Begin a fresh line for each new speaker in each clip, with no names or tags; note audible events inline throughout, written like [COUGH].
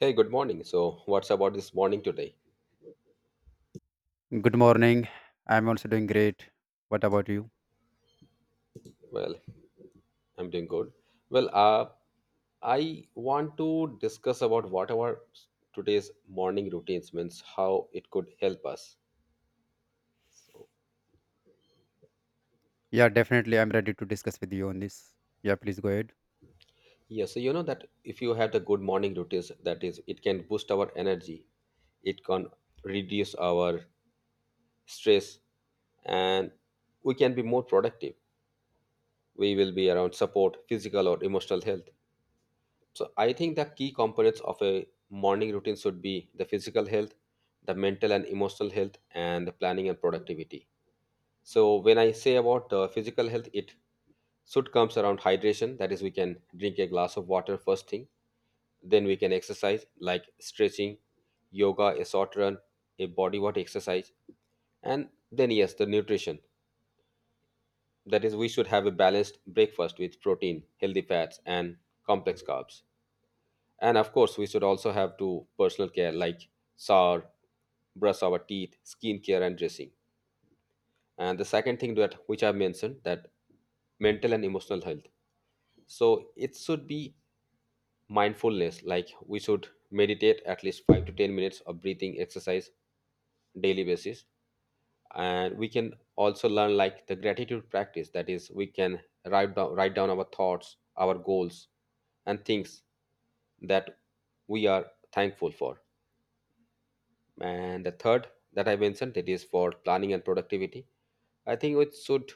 Hey, good morning. So, what's about this morning today?
Good morning. I'm also doing great. What about you?
Well, I'm doing good. Well, uh, I want to discuss about what our s- today's morning routines means, how it could help us.
Yeah, definitely. I'm ready to discuss with you on this. Yeah, please go ahead.
Yeah, so you know that if you have the good morning routines, that is, it can boost our energy, it can reduce our stress, and we can be more productive. We will be around support, physical or emotional health. So I think the key components of a morning routine should be the physical health, the mental and emotional health, and the planning and productivity. So when I say about physical health, it should comes around hydration. That is, we can drink a glass of water first thing. Then we can exercise like stretching, yoga, a short run, a body weight exercise, and then yes, the nutrition. That is, we should have a balanced breakfast with protein, healthy fats, and complex carbs. And of course, we should also have to personal care like shower, brush our teeth, skincare, and dressing. And the second thing that which I mentioned that mental and emotional health. So it should be mindfulness, like we should meditate at least 5 to 10 minutes of breathing exercise daily basis. And we can also learn like the gratitude practice. That is, we can write down our thoughts, our goals, and things that we are thankful for. And the third that I mentioned that is for planning and productivity. I think we should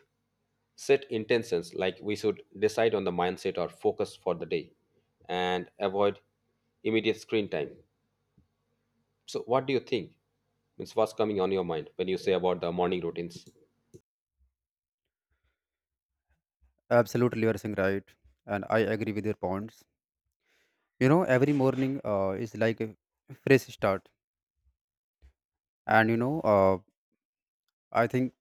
set intentions like we should decide on the mindset or focus for the day and avoid immediate screen time. So what do you think? Means what's coming on your mind when you say about the morning routines?
Absolutely, you're saying right. And I agree with your points. You know, every morning is like a fresh start. And, I think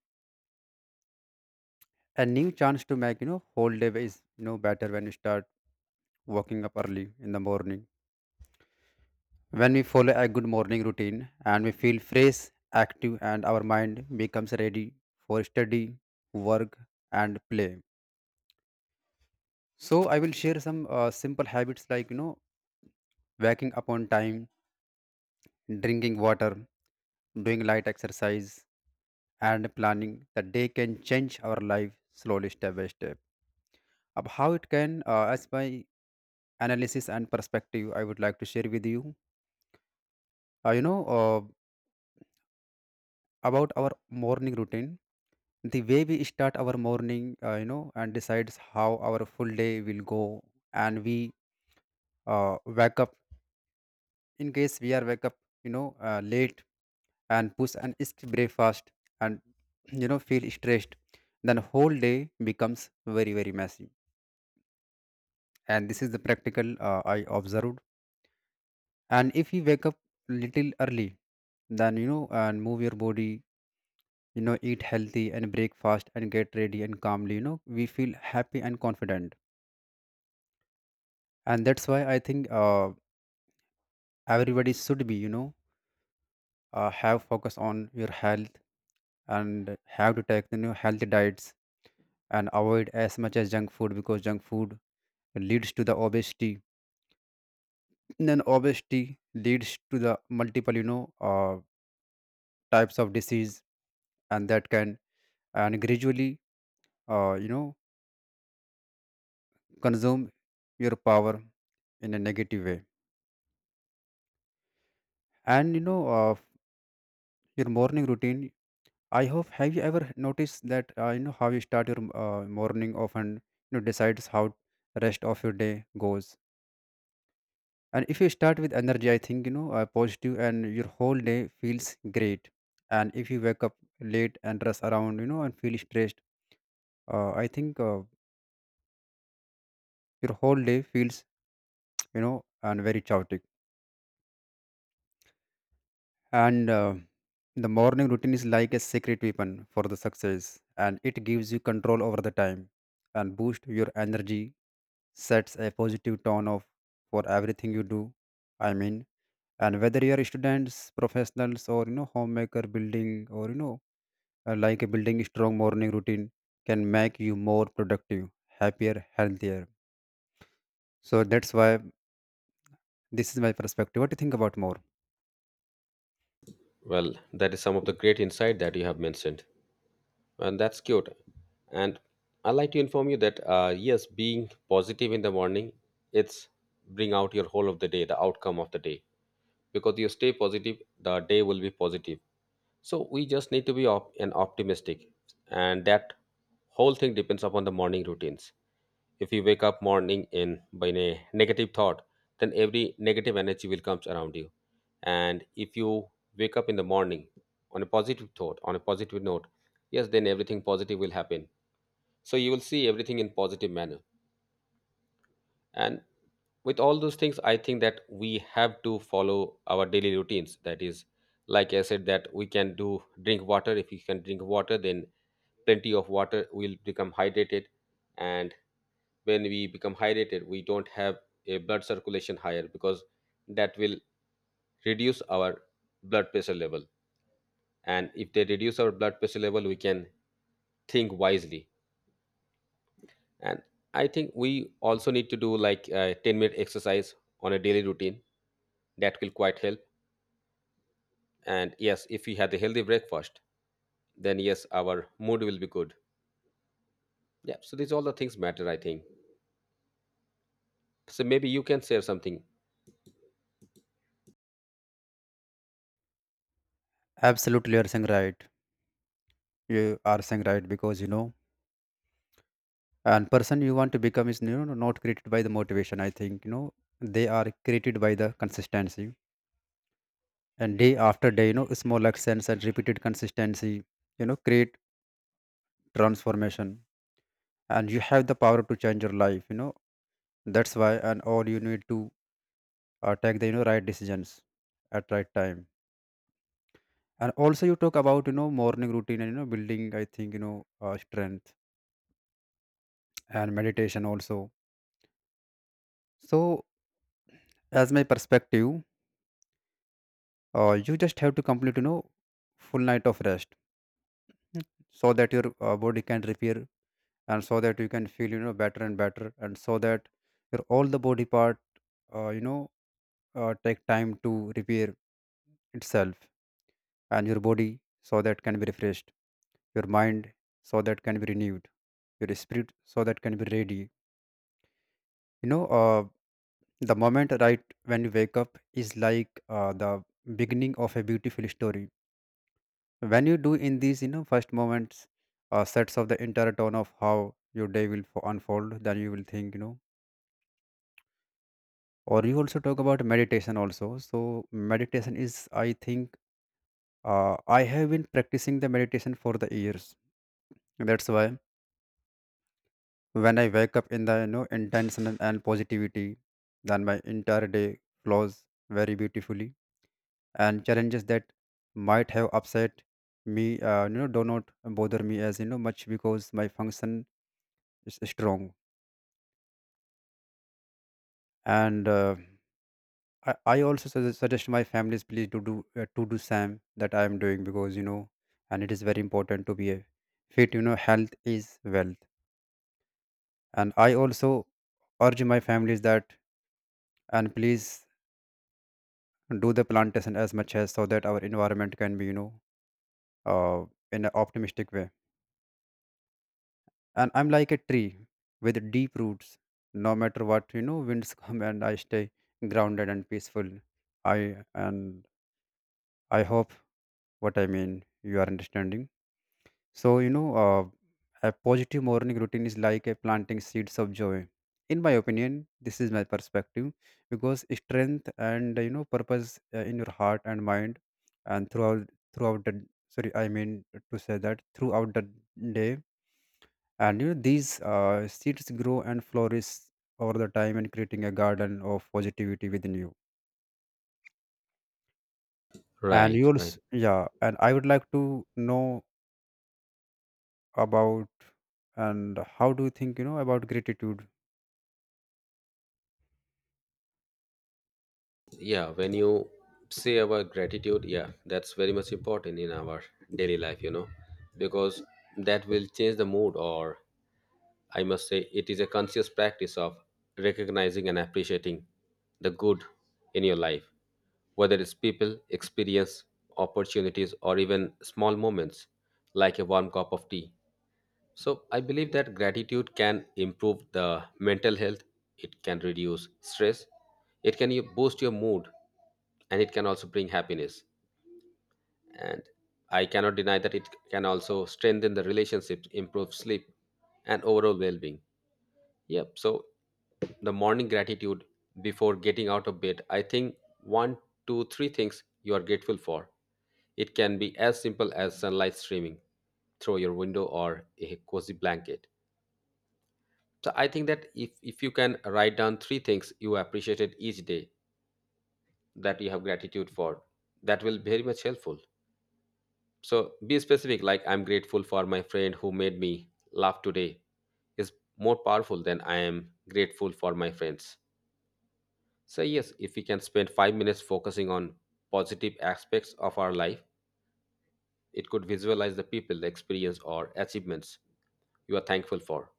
a new chance to make, you know, whole day is, you know, better when you start waking up early in the morning. When we follow a good morning routine and we feel fresh, active, and our mind becomes ready for study, work, and play. So I will share some simple habits, like you know, waking up on time, drinking water, doing light exercise, and planning the day can change our life slowly, step by step. Ab how it can, as my analysis and perspective, I would like to share with you. You know About our morning routine, the way we start our morning, you know, and decides how our full day will go, and we wake up, in case we are wake up you know late and push and skip breakfast and [CLEARS THROAT] you know feel stressed, then whole day becomes very very messy. And this is the practical, I observed. And if you wake up little early, then you know, and move your body, you know, eat healthy and breakfast and get ready and calmly, you know, we feel happy and confident. And that's why I think, everybody should be, you know, have focus on your health and have to take, you know, healthy diets and avoid as much as junk food, because junk food leads to the obesity, then obesity leads to the multiple, you know, uh, types of disease. And that can, and gradually, uh, you know consume your power in a negative way. And your morning routine, I hope, have you ever noticed that, how you start your morning often, you know, decides how rest of your day goes. And if you start with energy, I think, you know, positive and your whole day feels great. And if you wake up late and rush around, you know, and feel stressed, I think your whole day feels, you know, and very chaotic. And the morning routine is like a secret weapon for the success. And it gives you control over the time and boost your energy, sets a positive tone of for everything you do. I mean, and whether you are students, professionals, or you know, homemaker, building, or you know, building strong morning routine can make you more productive, happier, healthier. So that's why this is my perspective. What do you think about more?
Well, that is some of the great insight that you have mentioned. And that's cute. And I'd like to inform you that yes, being positive in the morning, it's bring out your whole of the day, the outcome of the day. Because you stay positive, the day will be positive. So we just need to be op- and optimistic, and that whole thing depends upon the morning routines. If you wake up morning in by a negative thought, then every negative energy will comes around you. And if you wake up in the morning on a positive thought, on a positive note, yes, then everything positive will happen. So you will see everything in positive manner. And with all those things, I think that we have to follow our daily routines. That is, like I said, that we can do drink water. If you can drink water, then plenty of water will become hydrated. And when we become hydrated, we don't have a blood circulation higher because that will reduce our blood pressure level. And if they reduce our blood pressure level, we can think wisely. And I think we also need to do like a 10-minute exercise on a daily routine. That will quite help. And yes, if we had a healthy breakfast, then yes, our mood will be good. Yeah, so these all the things matter, I think. So maybe you can share something.
Absolutely, you are saying right. You are saying right because, you know, and person you want to become is, you know, not created by the motivation. I think, you know, they are created by the consistency and day after day. You know, small actions and repeated consistency, you know, create transformation, and you have the power to change your life. You know, that's why, and all you need to take the, you know, right decisions at right time. And also you talk about, you know, morning routine and you know, building, I think, you know, strength and meditation also. So as my perspective, you just have to complete, you know, full night of rest, so that your body can repair, and so that you can feel, you know, better and better, and so that your all the body part, uh, you know take time to repair itself, and your body so that can be refreshed, your mind so that can be renewed, your spirit so that can be ready. You know, the moment right when you wake up is like the beginning of a beautiful story. When you do in these, you know, first moments, sets of the entire tone of how your day will unfold, then you will think, you know, or you also talk about meditation also. So meditation is, I think, I have been practicing the meditation for the years. That's why when I wake up in the, you know, intention and positivity, then my entire day flows very beautifully, and challenges that might have upset me, you know, do not bother me as you know much, because my function is strong. And I also suggest my families please to do same that I am doing, because you know, and it is very important to be a fit, you know, health is wealth. And I also urge my families that and please do the plantation as much as, so that our environment can be, you know, uh, in an optimistic way. And I'm like a tree with deep roots, no matter what, you know, winds [LAUGHS] come, and I stay grounded and peaceful. i and I hope what I mean, you are understanding. So, you know, a positive morning routine is like a planting seeds of joy. In my opinion, this is my perspective, because strength and, you know, purpose in your heart and mind, and throughout the sorry, I mean to say that throughout the day, and you know these seeds grow and flourish over the time, and creating a garden of positivity within you. And
Right, right.
yours, yeah. And I would like to know about and how do you think, you know, about gratitude?
Yeah, when you say our gratitude, yeah, that's very much important in our daily life, you know, because that will change the mood. Or I must say, it is a conscious practice of recognizing and appreciating the good in your life, whether it's people, experience, opportunities, or even small moments like a warm cup of tea. So, I believe that gratitude can improve the mental health, it can reduce stress, it can boost your mood, and it can also bring happiness. And I cannot deny that it can also strengthen the relationships, improve sleep, and overall well being. Yep. So the morning gratitude before getting out of bed, I think one, two, three things you are grateful for. It can be as simple as sunlight streaming through your window or a cozy blanket. So I think that if you can write down three things you appreciated each day that you have gratitude for, that will be very much helpful. So be specific, like I'm grateful for my friend who made me laugh today is more powerful than I am grateful for my friends. So, yes, if we can spend 5 minutes focusing on positive aspects of our life, it could visualize the people, the experience, or achievements you are thankful for.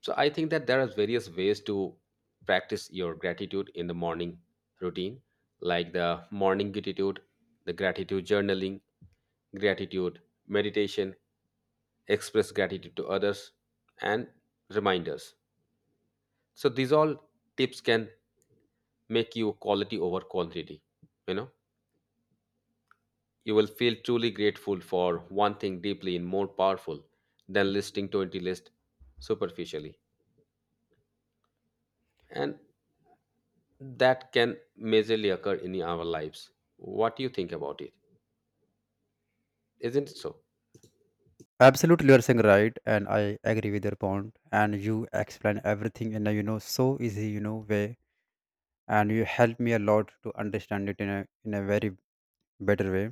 So, I think that there are various ways to practice your gratitude in the morning routine, like the morning gratitude, the gratitude journaling, gratitude meditation, express gratitude to others, and reminders. So, these all tips can make you quality over quantity, you know. You will feel truly grateful for one thing deeply and more powerful than listing 20 lists superficially. And that can majorly occur in our lives. What do you think about it? Isn't it so?
Absolutely, you're saying right, and I agree with your point. And you explain everything in a, you know, so easy, you know, way, and you help me a lot to understand it in a very better way.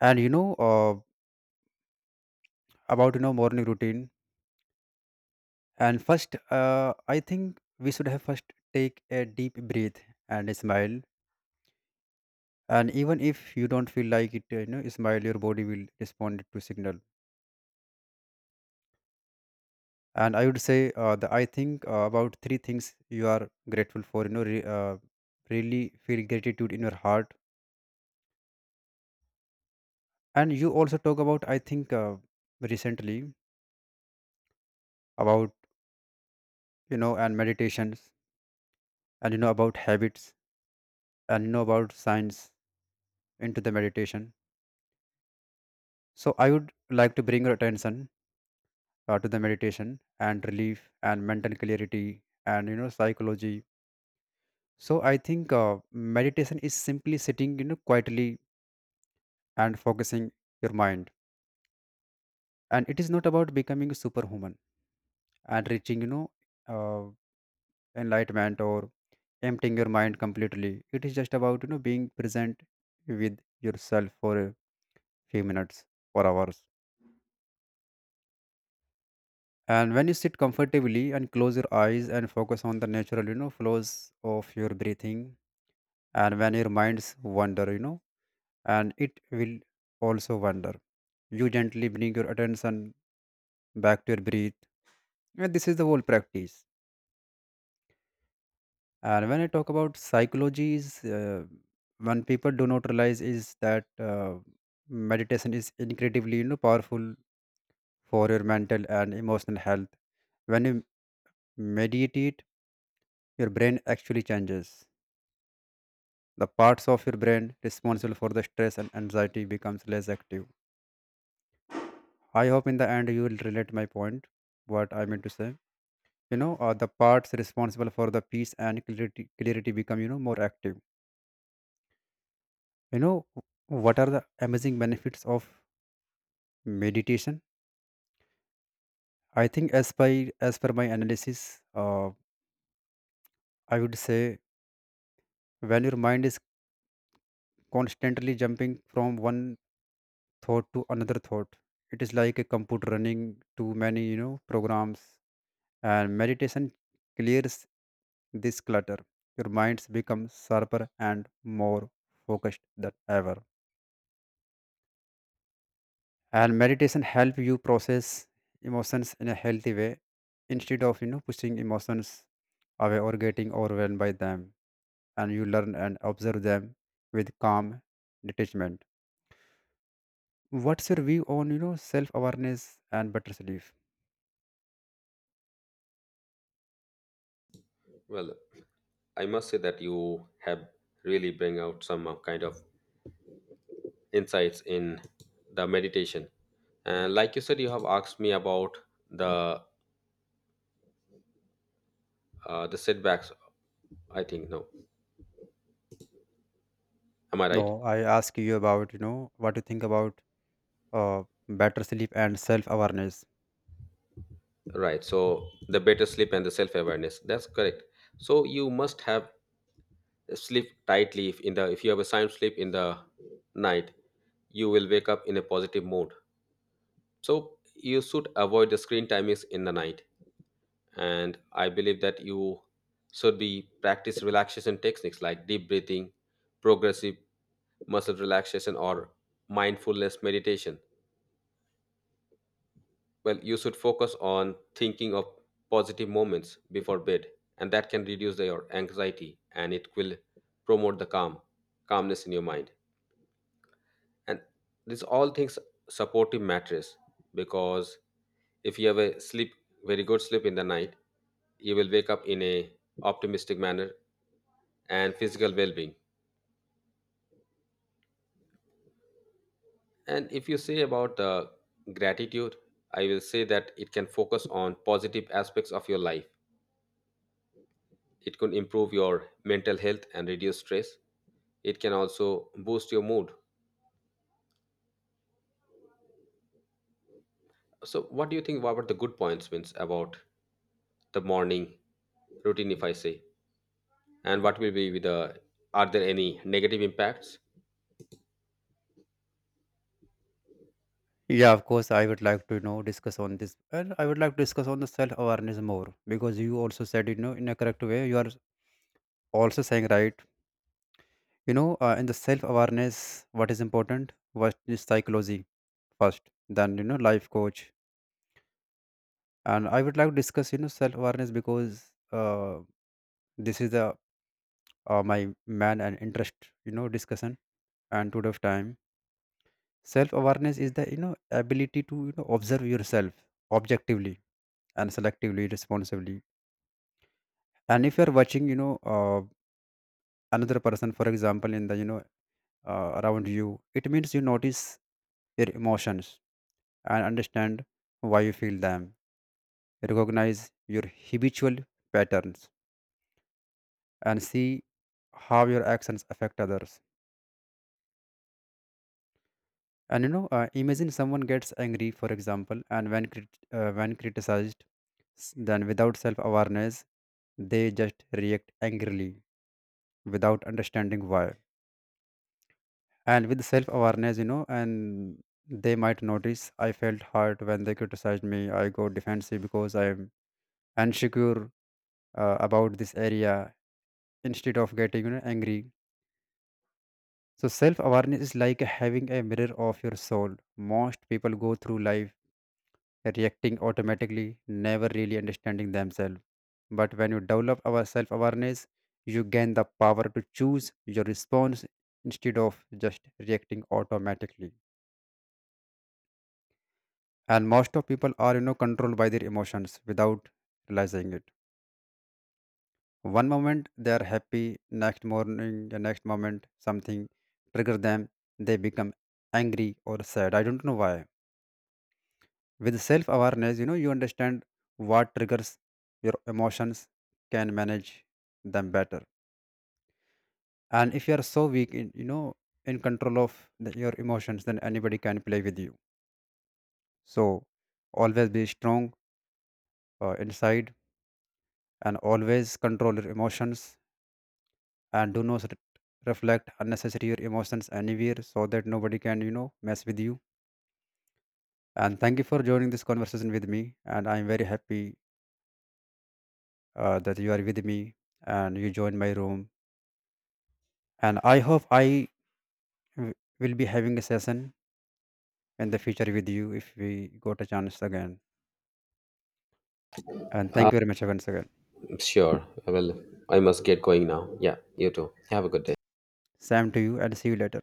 And about, you know, morning routine. And first, I think we should have first take a deep breath and smile. And even if you don't feel like it, you know, smile. Your body will respond to signal. And I would say, the I think, about three things you are grateful for, you know, really feel gratitude in your heart. And you also talk about, I think, recently about, you know, and meditations and, you know, about habits and, you know, about science into the meditation. So I would like to bring your attention to the meditation and relief and mental clarity and, you know, psychology. So I think, meditation is simply sitting, you know, quietly and focusing your mind. And it is not about becoming a superhuman and reaching, you know, uh, enlightenment or emptying your mind completely. It is just about, you know, being present with yourself for a few minutes or hours. And when you sit comfortably and close your eyes and focus on the natural, you know, flows of your breathing, and when your minds wander, you know, and it will also wander, you gently bring your attention back to your breath, and this is the whole practice. And when I talk about psychology, is one people do not realize is that meditation is incredibly, you know, powerful for your mental and emotional health. When you meditate, your brain actually changes. The parts of your brain responsible for the stress and anxiety becomes less active. I hope in the end you will relate my point, what I meant to say. You know, the parts responsible for the peace and clarity become, you know, more active. You know, what are the amazing benefits of meditation? I think as by as per my analysis, uh, I would say, when your mind is constantly jumping from one thought to another thought, it is like a computer running too many, you know, programs. And meditation clears this clutter. Your minds become sharper and more focused than ever. And meditation help you process emotions in a healthy way, instead of, you know, pushing emotions away or getting overwhelmed by them, and you learn and observe them with calm detachment. What's your view on, you know, self awareness and better sleep?
Well, I must say that you have really bring out some kind of insights in the meditation. And like you said, you have asked me about the the setbacks. I think no, am I right?
No, I ask you about, you know, what you think about uh, better sleep and self awareness.
Right. So the better sleep and the self awareness. That's correct. So you must have sleep tightly. If in the if you have a sound sleep in the night, you will wake up in a positive mood. So you should avoid the screen timings in the night. And I believe that you should be practice relaxation techniques like deep breathing, progressive muscle relaxation, or mindfulness meditation. Well, you should focus on thinking of positive moments before bed, and that can reduce your anxiety, and it will promote the calmness in your mind. And these all things, supportive mattress, because if you have a sleep, very good sleep in the night, you will wake up in a optimistic manner, and physical well-being. And if you say about the gratitude, I will say that it can focus on positive aspects of your life. It could improve your mental health and reduce stress. It can also boost your mood. So, what do you think about the good points, means about the morning routine, if I say, and what will be with the, are there any negative impacts?
Yeah, of course, I would like to, you know, discuss on this, and I would like to discuss on the self awareness more, because you also said, you know, in a correct way. You are also saying right. You know, in the self awareness, what is important? What is psychology first? Then, you know, life coach. And I would like to discuss, you know, self awareness, because this is the my man and interest, you know, discussion. And today of time, self awareness is the, you know, ability to, you know, observe yourself objectively and selectively responsibly. And if you're watching, you know, another person, for example, in the, you know, around you, it means you notice your emotions and understand why you feel them, recognize your habitual patterns, and see how your actions affect others. And you know, imagine someone gets angry, for example, and when criticized, then without self awareness, they just react angrily without understanding why. And with self awareness, you know, and they might notice, I felt hurt when they criticized me. I got defensive because I'm insecure about this area, instead of getting, you know, angry. So self awareness is like having a mirror of your soul. Most people go through life reacting automatically, never really understanding themselves. But when you develop our self awareness, you gain the power to choose your response instead of just reacting automatically. And most of people are, you know, controlled by their emotions without realizing it. One moment they are happy, next morning, the next moment something triggers them, they become angry or sad. I don't know why. With self awareness, you know, you understand what triggers your emotions, can manage them better. And if you are so weak in, you know, in control of the, your emotions, then anybody can play with you. So always be strong inside, and always control your emotions, and do not reflect unnecessary your emotions anywhere, so that nobody can, you know, mess with you. And thank you for joining this conversation with me. And I'm very happy that you are with me and you joined my room. And I hope w- will be having a session in the future with you, if we got a chance again. And
Uh,
thank you very much once again.
sure. Well, I must get going now. Yeah, you too. Have a good day.
Sam to you, and see you later.